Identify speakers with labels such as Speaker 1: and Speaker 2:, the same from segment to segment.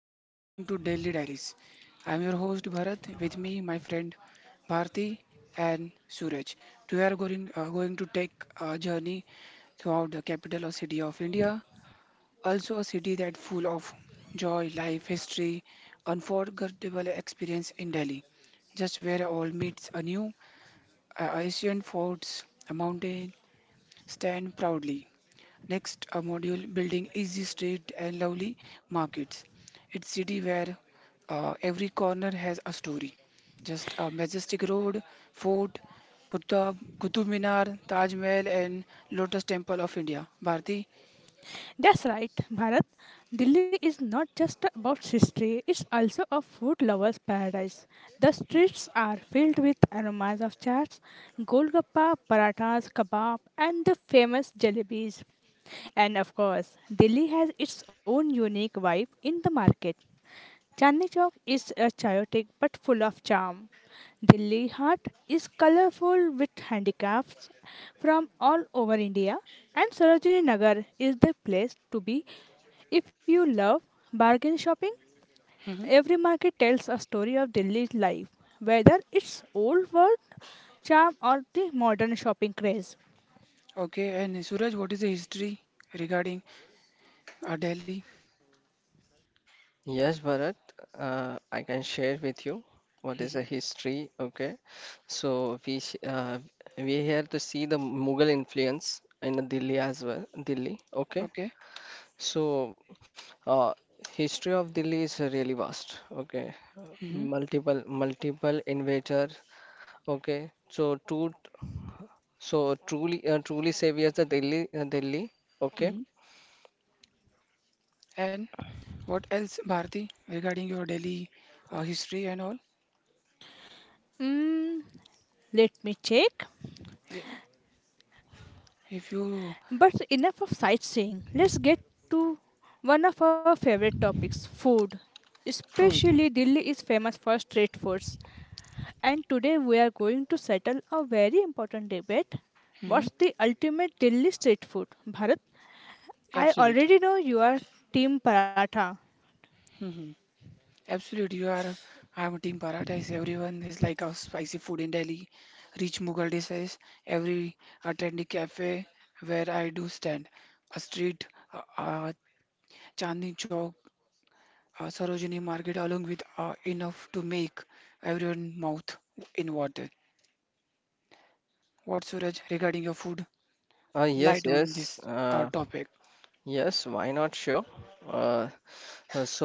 Speaker 1: everyone, welcome to Daily Diaries. I'm your host Bharat. With me, my friend Bharti and Suraj. We are going to take a journey throughout the capital or city of India, also a city that full of joy, life, history, unforgettable experience in Delhi. Just where all meets anew, a ancient forts, a mountain stand proudly, next, a module building easy street and lovely markets. It's city where every corner has a story. Just a majestic road, fort, Qutub Minar, Taj Mahal, and Lotus Temple of India. Bharti.
Speaker 2: That's right, Bharat. Delhi is not just about history, it's also a food lover's paradise. The streets are filled with aromas of chaats, golgappa, parathas, kebab, and the famous jalebis. And of course, Delhi has its own unique vibe in the market. Chandni Chowk is chaotic but full of charm. Delhi Heart is colorful with handicrafts from all over India, and Sarojini Nagar is the place to be if you love bargain shopping.
Speaker 1: Hmm
Speaker 2: Every market tells a story of Delhi's life, whether it's old world charm or the modern shopping craze.
Speaker 1: Okay, and Suraj, what is the history regarding Delhi?
Speaker 3: Yes, Bharat, I can share with you what is the
Speaker 1: Hmm
Speaker 3: history. Okay, so we here to see the Mughal influence in Delhi as well. Delhi, okay.
Speaker 1: Okay.
Speaker 3: So uh, history of Delhi is really vast. Okay,
Speaker 1: hmm
Speaker 3: multiple invader. Okay, so truly truly saviors the Delhi Delhi. Okay,
Speaker 1: hmm And what else, Bharti, regarding your Delhi history and all?
Speaker 2: Mm, let me check.
Speaker 1: Eh, if you
Speaker 2: But enough of sightseeing. Let's get to one of our favorite topics food.
Speaker 1: food.
Speaker 2: Especially, Delhi is famous for street foods. And today, we are going to settle a very important debate.
Speaker 1: Mm-hmm.
Speaker 2: What's the ultimate Delhi street food? Bharat, I
Speaker 1: Absolute.
Speaker 2: already know you are Team Paratha.
Speaker 1: Hmm Absolute. You are. I'm a Team Paradise. Everyone is like a spicy food in Delhi. Rich Mughal dishes. Every a trendy cafe where I do stand. A street, uh, uh, Chandni Chowk, Sarojini Market, along with enough to make everyone mouth in water. What Suraj regarding your food?
Speaker 3: yes
Speaker 1: Light on
Speaker 3: yes.
Speaker 1: this topic.
Speaker 3: Yes, why not? Sure. Uh, uh, so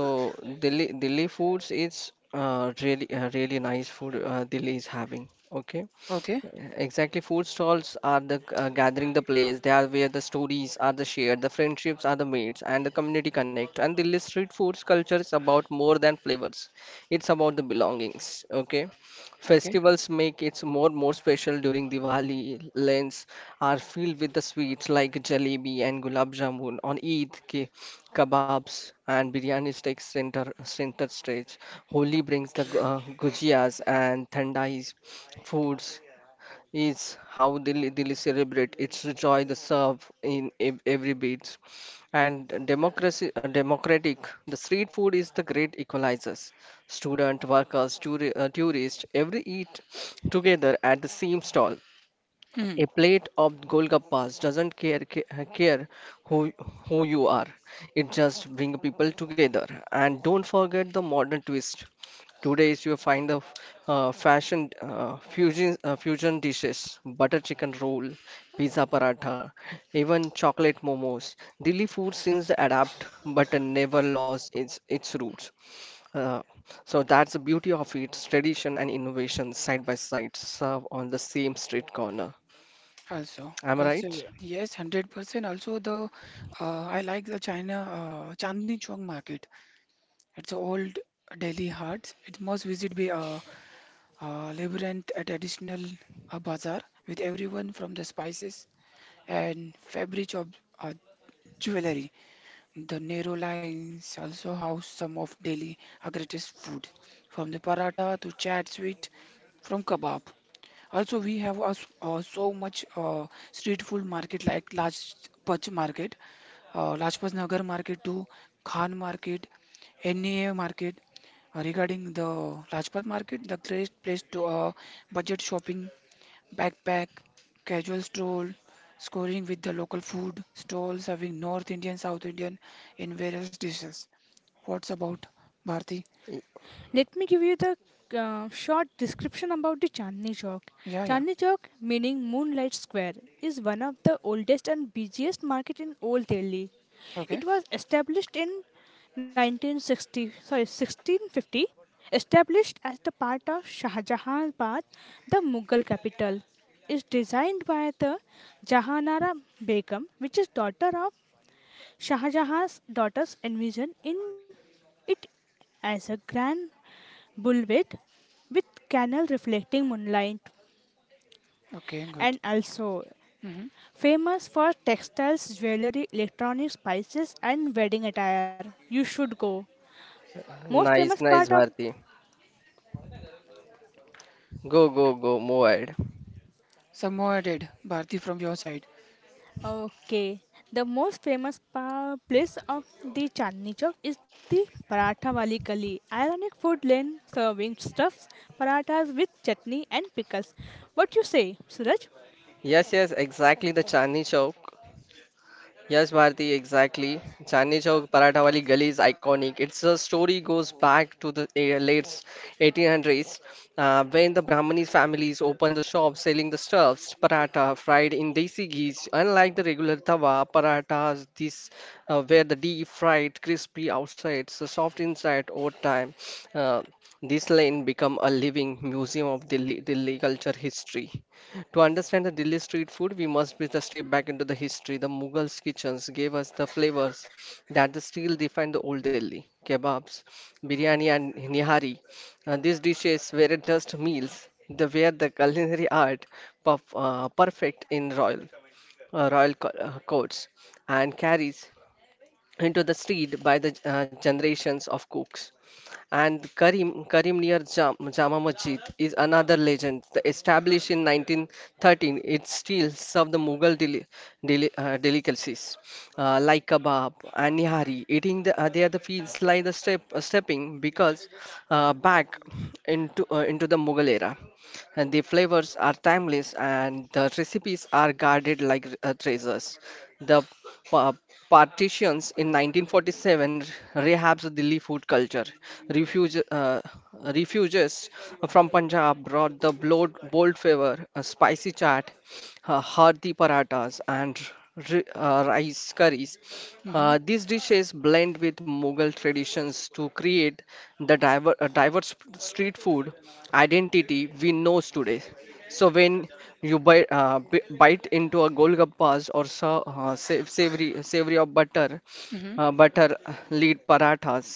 Speaker 3: Delhi foods is really really nice food, Delhi is having. Okay,
Speaker 1: Okay.
Speaker 3: exactly. Food stalls are the gathering the place. They are where the stories are the shared, the friendships are the made, and the community connect. And Delhi street foods culture is about more than flavors. It's about the belongings. Okay,
Speaker 1: Okay.
Speaker 3: festivals make it more special during Diwali, Lent, are filled with the sweets like jalebi and gulab jamun. On Eid, kebabs and biryani takes center stage. Holi brings the gujias and thandais foods is how Delhi celebrate its joy the serve in every beat and democracy, democratic the street food is the great equalizers student workers tourists every eat together at the same stall. A plate of Golgappas doesn't care care who you are. It just bring people together. And don't forget the modern twist. Today is you find the fashion fusion fusion dishes, butter chicken roll, pizza paratha, even chocolate momos. Delhi food seems adapt but never lost its roots. Uh, so that's the beauty of its tradition and innovation side by side, serve on the same street corner.
Speaker 1: Also,
Speaker 3: I'm
Speaker 1: also
Speaker 3: right.
Speaker 1: yes, 100%. Also the I like the China Chandni Chowk market. It's a old Delhi heart. It must visit be a labyrinth, a traditional bazaar with everyone from the spices and fabric of uh, jewelry. The narrow lines also house some of Delhi greatest food, from the paratha to chat sweet, from kebab. Also, we have us so much street food market like Pach Market, Lajpat Nagar Market to Khan Market, NEA Market. Regarding the Lajpat Market, the great place to budget shopping, backpack, casual stroll, scoring with the local food stalls serving North Indian, South Indian in various dishes. What's about Bharti?
Speaker 2: Let me give you the short description about the Chandni Chowk.
Speaker 1: Yeah, yeah.
Speaker 2: Chandni Chowk, meaning Moonlight Square, is one of the oldest and busiest market in Old Delhi.
Speaker 1: Okay,
Speaker 2: It was established in 1960, sorry, 1650, established as the part of Shahjahanabad, the Mughal capital is designed by the Jahanara Begum, which is daughter of Shah Jahan's daughters envisioned in it as a grand bulwark with canal reflecting moonlight
Speaker 1: okay, good.
Speaker 2: and also
Speaker 1: Mm-hmm.
Speaker 2: famous for textiles, jewelry, electronic spices and wedding attire. You should go. Most famous
Speaker 3: Nice,
Speaker 2: part
Speaker 3: nice,
Speaker 2: of
Speaker 3: Bharti. Go, go, go, move ahead.
Speaker 1: Some more added, Bharti, from your side.
Speaker 2: okay. The most famous place of the Chandni Chowk is the Paratha Wali Gali, ironic food lane serving stuffs, parathas with chutney and pickles. What you say, Suraj?
Speaker 3: Yes, yes, exactly the Chandni Chowk. Yes, Bharti, exactly. Chandni Chowk Paratha Wali Gali is iconic. Its story goes back to the late 1800s when the Brahmani families opened the shop selling the stuffs, paratha fried in desi ghee. Unlike the regular tawa, parathas these were the deep fried, crispy outside, so soft inside over time. Uh, this lane become a living museum of Delhi culture history. To understand the Delhi street food, we must be the step back into the history. The Mughals' kitchens gave us the flavors that the still define the old Delhi. Kebabs, biryani, and nihari. These dishes weren't just meals; they were the culinary art, perfect in royal, courts, and carries into the street by the generations of cooks. And Karim near Jama Masjid is another legend. Established in 1913, it still serves the Mughal delicacies like kebab and nihari. Eating there the feels like the stepping because back into the Mughal era. And the flavors are timeless and the recipes are guarded like treasures. The pa- partitions in 1947 rehabs the Delhi food culture refuge, refugees from Punjab brought the bold flavor, a spicy chaat, hearty parathas, and rice curries.
Speaker 1: Hmm
Speaker 3: These dishes blend with Mughal traditions to create the diverse street food identity we know today. So when you bite into a golgappas or savory of butter,
Speaker 1: hmm
Speaker 3: butter lead parathas,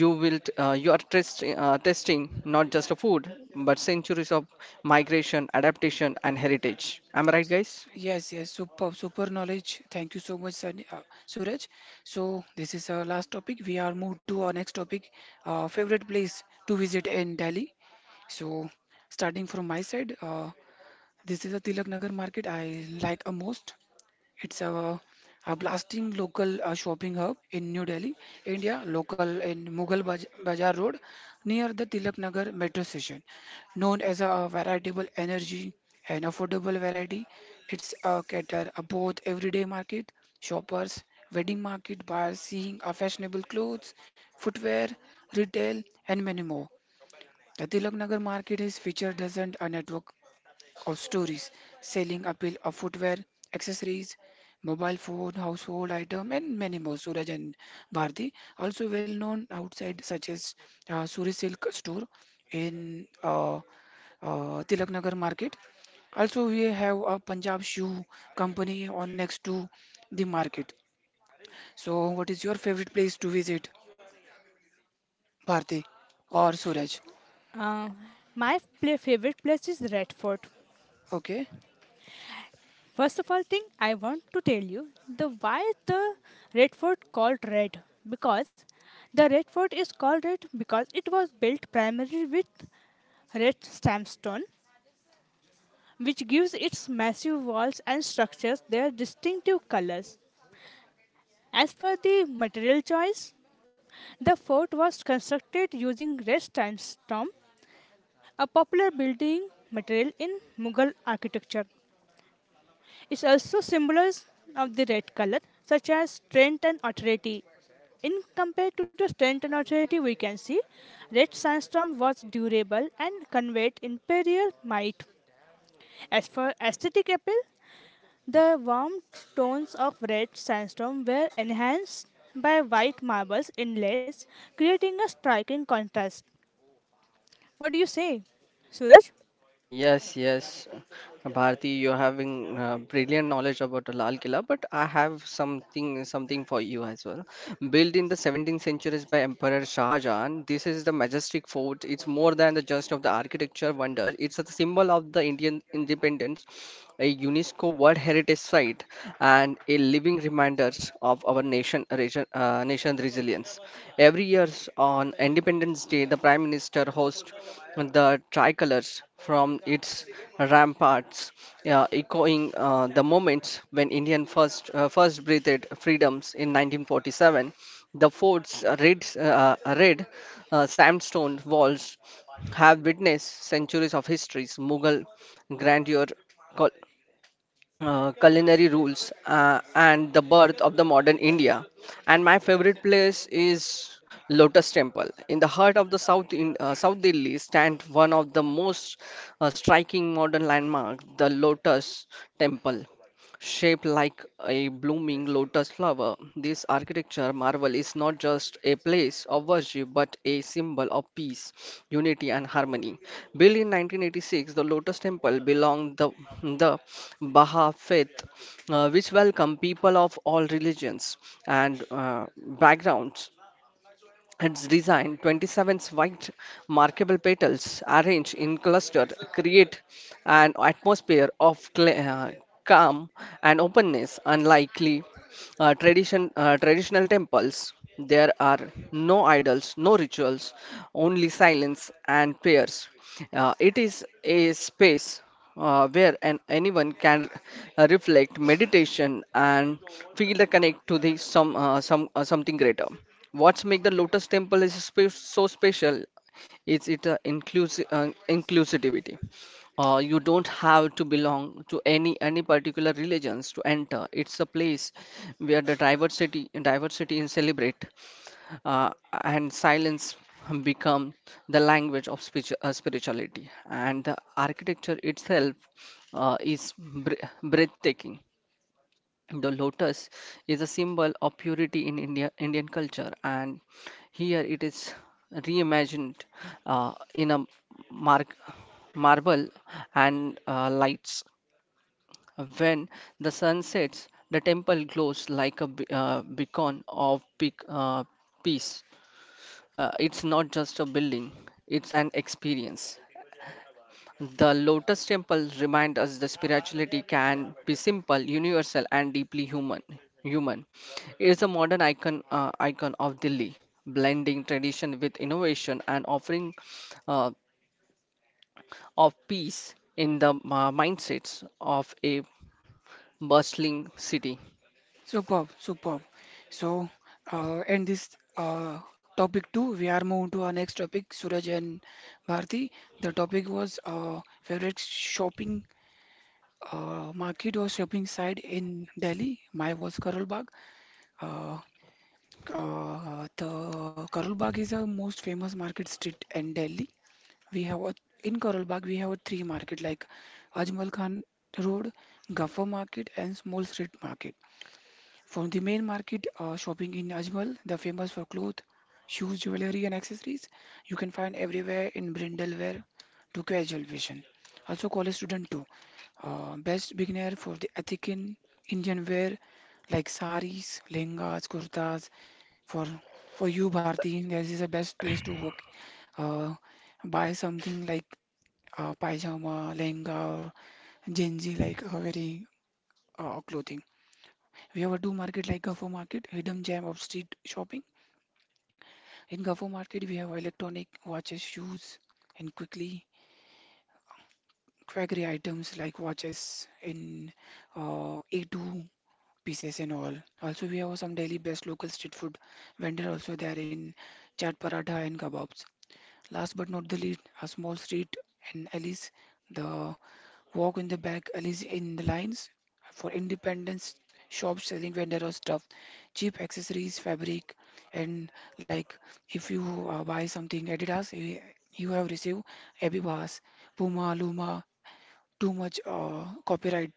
Speaker 3: you will testing not just a food but centuries of migration, adaptation, and heritage. Am I right, guys?
Speaker 1: Yes, yes, super, super knowledge. Thank you so much, Suraj. So this is our last topic. We are moved to our next topic, favorite place to visit in Delhi. So starting from my side, this is a Tilak Nagar market I like a most. It's a blasting local shopping hub in New Delhi, India, local in Mughal Bazaar Road near the Tilak Nagar metro station. Known as a veritable energy and affordable variety, it's a cater a both everyday market, shoppers, wedding market by seeing a fashionable clothes, footwear, retail, and many more. The Tilak Nagar market is featured as a network of stories, selling appeal of footwear, accessories, mobile phone, household item, and many more. Suraj and Bharti also well known outside, such as Suri Silk store in Tilak Nagar market. Also, we have a Punjab shoe company on next to the market. So, what is your favorite place to visit, Bharti or Suraj?
Speaker 2: Uh, my favorite place is Red Fort.
Speaker 1: Okay.
Speaker 2: First of all, thing I want to tell you the why the Red Fort called Red because the Red Fort is called Red because it was built primarily with red sandstone which gives its massive walls and structures their distinctive colors. As for the material choice, the fort was constructed using red sandstone, a popular building material in Mughal architecture. It also symbolizes of the red color, such as strength and authority. In compared to the strength and authority, we can see red sandstone was durable and conveyed imperial might. As for aesthetic appeal, the warm tones of red sandstone were enhanced by white marbles inlays, creating a striking contrast. What do you say, Suraj?
Speaker 3: Yes, yes, Bharti, you're having brilliant knowledge about Lal Killa, but I have something for you as well. Built in the 17th centuries by Emperor Shah Jahan, this is the majestic fort. It's more than the just of the architecture wonder. It's a symbol of the Indian independence, a UNESCO World Heritage Site, and a living reminders of our nation resilience. Every year on Independence Day, the Prime Minister hosts the tricolors from its ramparts, echoing the moments when Indian first breathed freedoms in 1947. The fort's red sandstone walls have witnessed centuries of histories, Mughal grandeur, culinary rules, and the birth of the modern India. And my favorite place is Lotus Temple. In the heart of the South Delhi stands one of the most striking modern landmarks, the Lotus Temple shaped like a blooming lotus flower. This architecture marvel is not just a place of worship but a symbol of peace, unity, and harmony. Built in 1986, the Lotus Temple belonged the Baha'i faith, which welcomed people of all religions and backgrounds. Its design, 27 white markable petals arranged in clusters, create an atmosphere of calm and openness, unlikely traditional temples. There are no idols, no rituals, only silence and prayers. It is a space where anyone can reflect, meditation, and feel the connect to the something greater. What's make the Lotus Temple is so special is it inclusivity. You don't have to belong to any particular religions to enter. It's a place where the diversity is celebrate uh, and silence become the language of spirituality, and the architecture itself is breathtaking. The lotus is a symbol of purity in India, indian culture, and here it is reimagined in a mar- marble and lights. When the sun sets, the temple glows like a beacon of uh, peace. It's not just a building, it's an experience. The Lotus Temple reminds us that spirituality can be simple, universal, and deeply human. Human. It's a modern icon of Delhi, blending tradition with innovation and offering uh, of peace in the mindsets of a bustling city.
Speaker 1: Superb, superb. So, in this uh, topic two, we are moving to our next topic, Suraj and Bharti. The topic was favorite shopping market or shopping site in Delhi. Mine was Karol Bagh. Uh, the Karol Bagh is the most famous market street in Delhi. We have a, in Karol Bagh we have a three market like Ajmal Khan Road, Gaffer Market, and Small Street Market. From the main market, shopping in Ajmal, the famous for cloth, shoes, jewelry, and accessories, you can find everywhere in brindle wear to casual fashion. Also, college student too. Best beginner for the ethnic in Indian wear like saris, lehengas, kurtas. For for you, Bharti, this is the best place to work. Uh, buy something like pajama, lehenga, or genji like very clothing. We have a two market like Gafo Market, hidden gem of street shopping. In Gafo Market, we have electronic watches, shoes, and quickly quackery items like watches in A2 pieces and all. Also, we have some daily best local street food vendor also there in chaat paratha and kebabs. Last but not the least, a small street and alleys the walk in the back alleys in the lines for independence shops selling vendor stuff, cheap accessories, fabric, and like if you buy something Adidas, you have received Abibas, Puma, Luma, too much copyright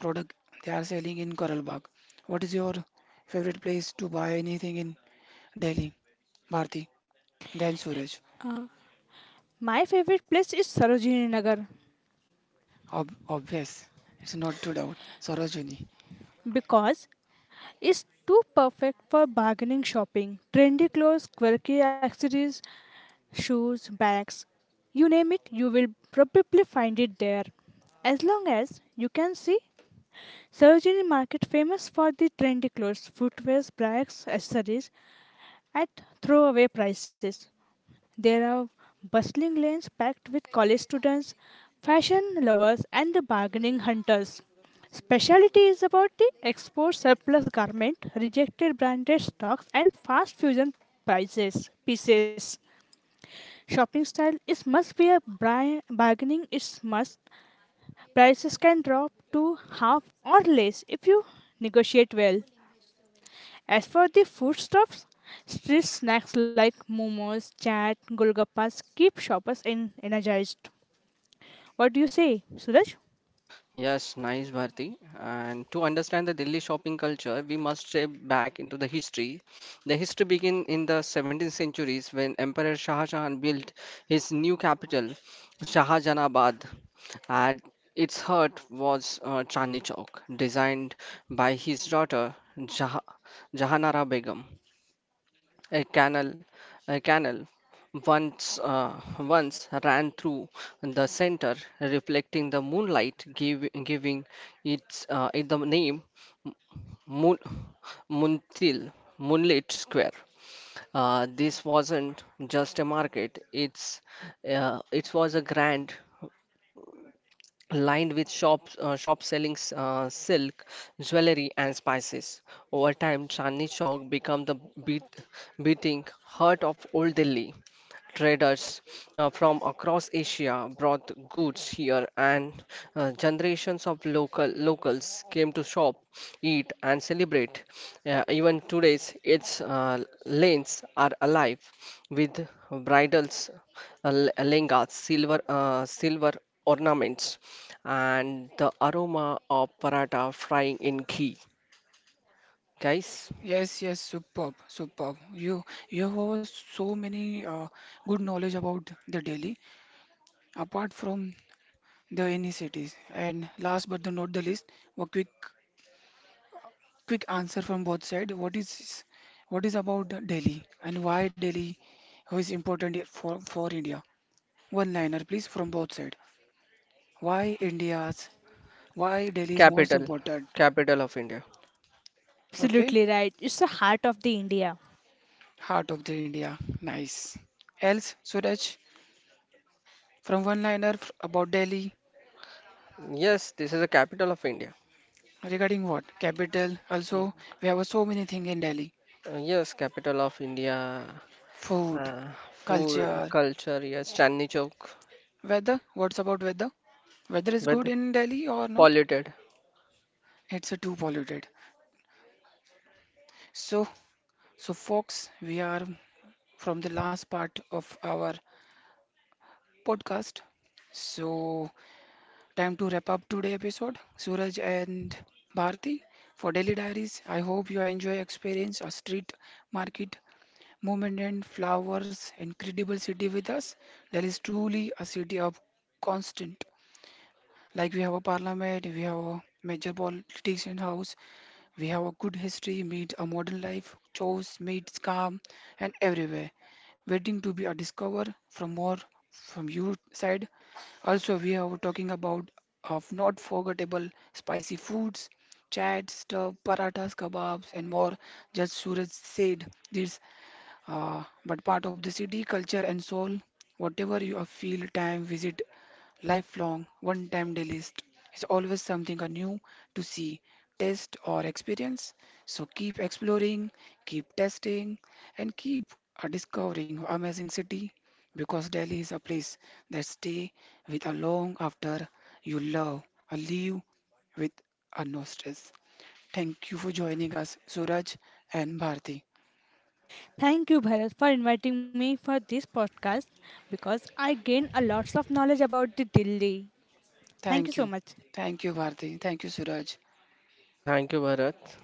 Speaker 1: product they are selling in Coral Bagh. What is your favorite place to buy anything in Delhi? Bharti, then Suraj.
Speaker 2: My favorite place is Sarojini Nagar
Speaker 1: Ob Obvious, it's not to doubt. Sarojini.
Speaker 2: because it's too perfect for bargaining shopping. Trendy clothes, quirky accessories, shoes, bags, you name it, you will probably find it there. As long as you can see Sarojini Market famous for the trendy clothes, footwear, bags, accessories at throwaway prices. There are bustling lanes packed with college students, fashion lovers and the bargaining hunters. Specialty is about the export surplus garment, rejected branded stocks and fast fusion prices pieces. Shopping style is must be a bargaining is must. Prices can drop to half or less if you negotiate well. As for the foodstuffs, street snacks like momos, chaat, golgappas keep shoppers in energized. What do you say, Suraj?
Speaker 3: Yes, nice, Bharti. And to understand the Delhi shopping culture, we must step back into the history. The history begins in the 17th centuries when Emperor Shah Jahan built his new capital, Shahjahanabad, and its heart was Chandni Chowk, designed by his daughter Jah Jahanara Begum. A canal, a canal once uh, once ran through the center, reflecting the moonlight, giving its it the name Moon, Muntil, Moonlit Square. This wasn't just a market; it was a grand lined with shops selling silk, jewelry, and spices. Over time, Chandni Chowk became the beat, beating heart of old Delhi. Traders from across Asia brought goods here, and generations of locals came to shop, eat, and celebrate. Even today's its lanes are alive with bridals, uh, l- silver ornaments, and the aroma of paratha frying in ghee. Guys,
Speaker 1: Yes, yes, superb, superb. You have so many good knowledge about the Delhi, apart from the any cities. And last but the not the least, a quick answer from both side. What is about Delhi and why Delhi is important for India? One liner, please, from both side. Why India's why Delhi is most
Speaker 3: capital,
Speaker 1: important?
Speaker 3: capital of India.
Speaker 1: Okay,
Speaker 2: Absolutely right. It's the heart of the India.
Speaker 1: heart of the India. Nice. Else, Suraj, from one liner about Delhi.
Speaker 3: Yes, this is the capital of India.
Speaker 1: Regarding what? Capital. Also, we have so many things in Delhi.
Speaker 3: Yes, capital of India,
Speaker 1: Food,
Speaker 3: food,
Speaker 1: culture,
Speaker 3: culture, yes, Chandni Chowk
Speaker 1: weather. What's about weather? Weather is
Speaker 3: with
Speaker 1: good in Delhi or not?
Speaker 3: polluted.
Speaker 1: It's too polluted. So, so folks, we are from the last part of our podcast. So, time to wrap up today episode. Suraj and Bharti for Delhi Diaries. I hope you enjoy experience a street market moment and flowers, incredible city with us. Delhi is truly a city of constant. Like we have a parliament, we have a major politician house, we have a good history, meet a modern life, choice, meets calm, and everywhere. Waiting to be a discover from more from your side. Also, we are talking about of not forgettable spicy foods, chats, stuff, parathas, kebabs, and more. Just Suraj said this but part of the city culture and soul. Whatever you feel, time visit, lifelong, one-time day list is always something anew to see, test or experience. So keep exploring, keep testing, and keep discovering amazing city because Delhi is a place that stay with a long after you love or leave with a no stress. Thank you for joining us, Suraj and Bharti.
Speaker 2: Thank you, Bharat, for inviting me for this podcast because I gained a lots of knowledge about the Delhi. Thank you
Speaker 1: Thank
Speaker 2: so
Speaker 1: you.
Speaker 2: much.
Speaker 1: Thank you, Bharti. Thank you, Suraj.
Speaker 3: Thank you, Bharat.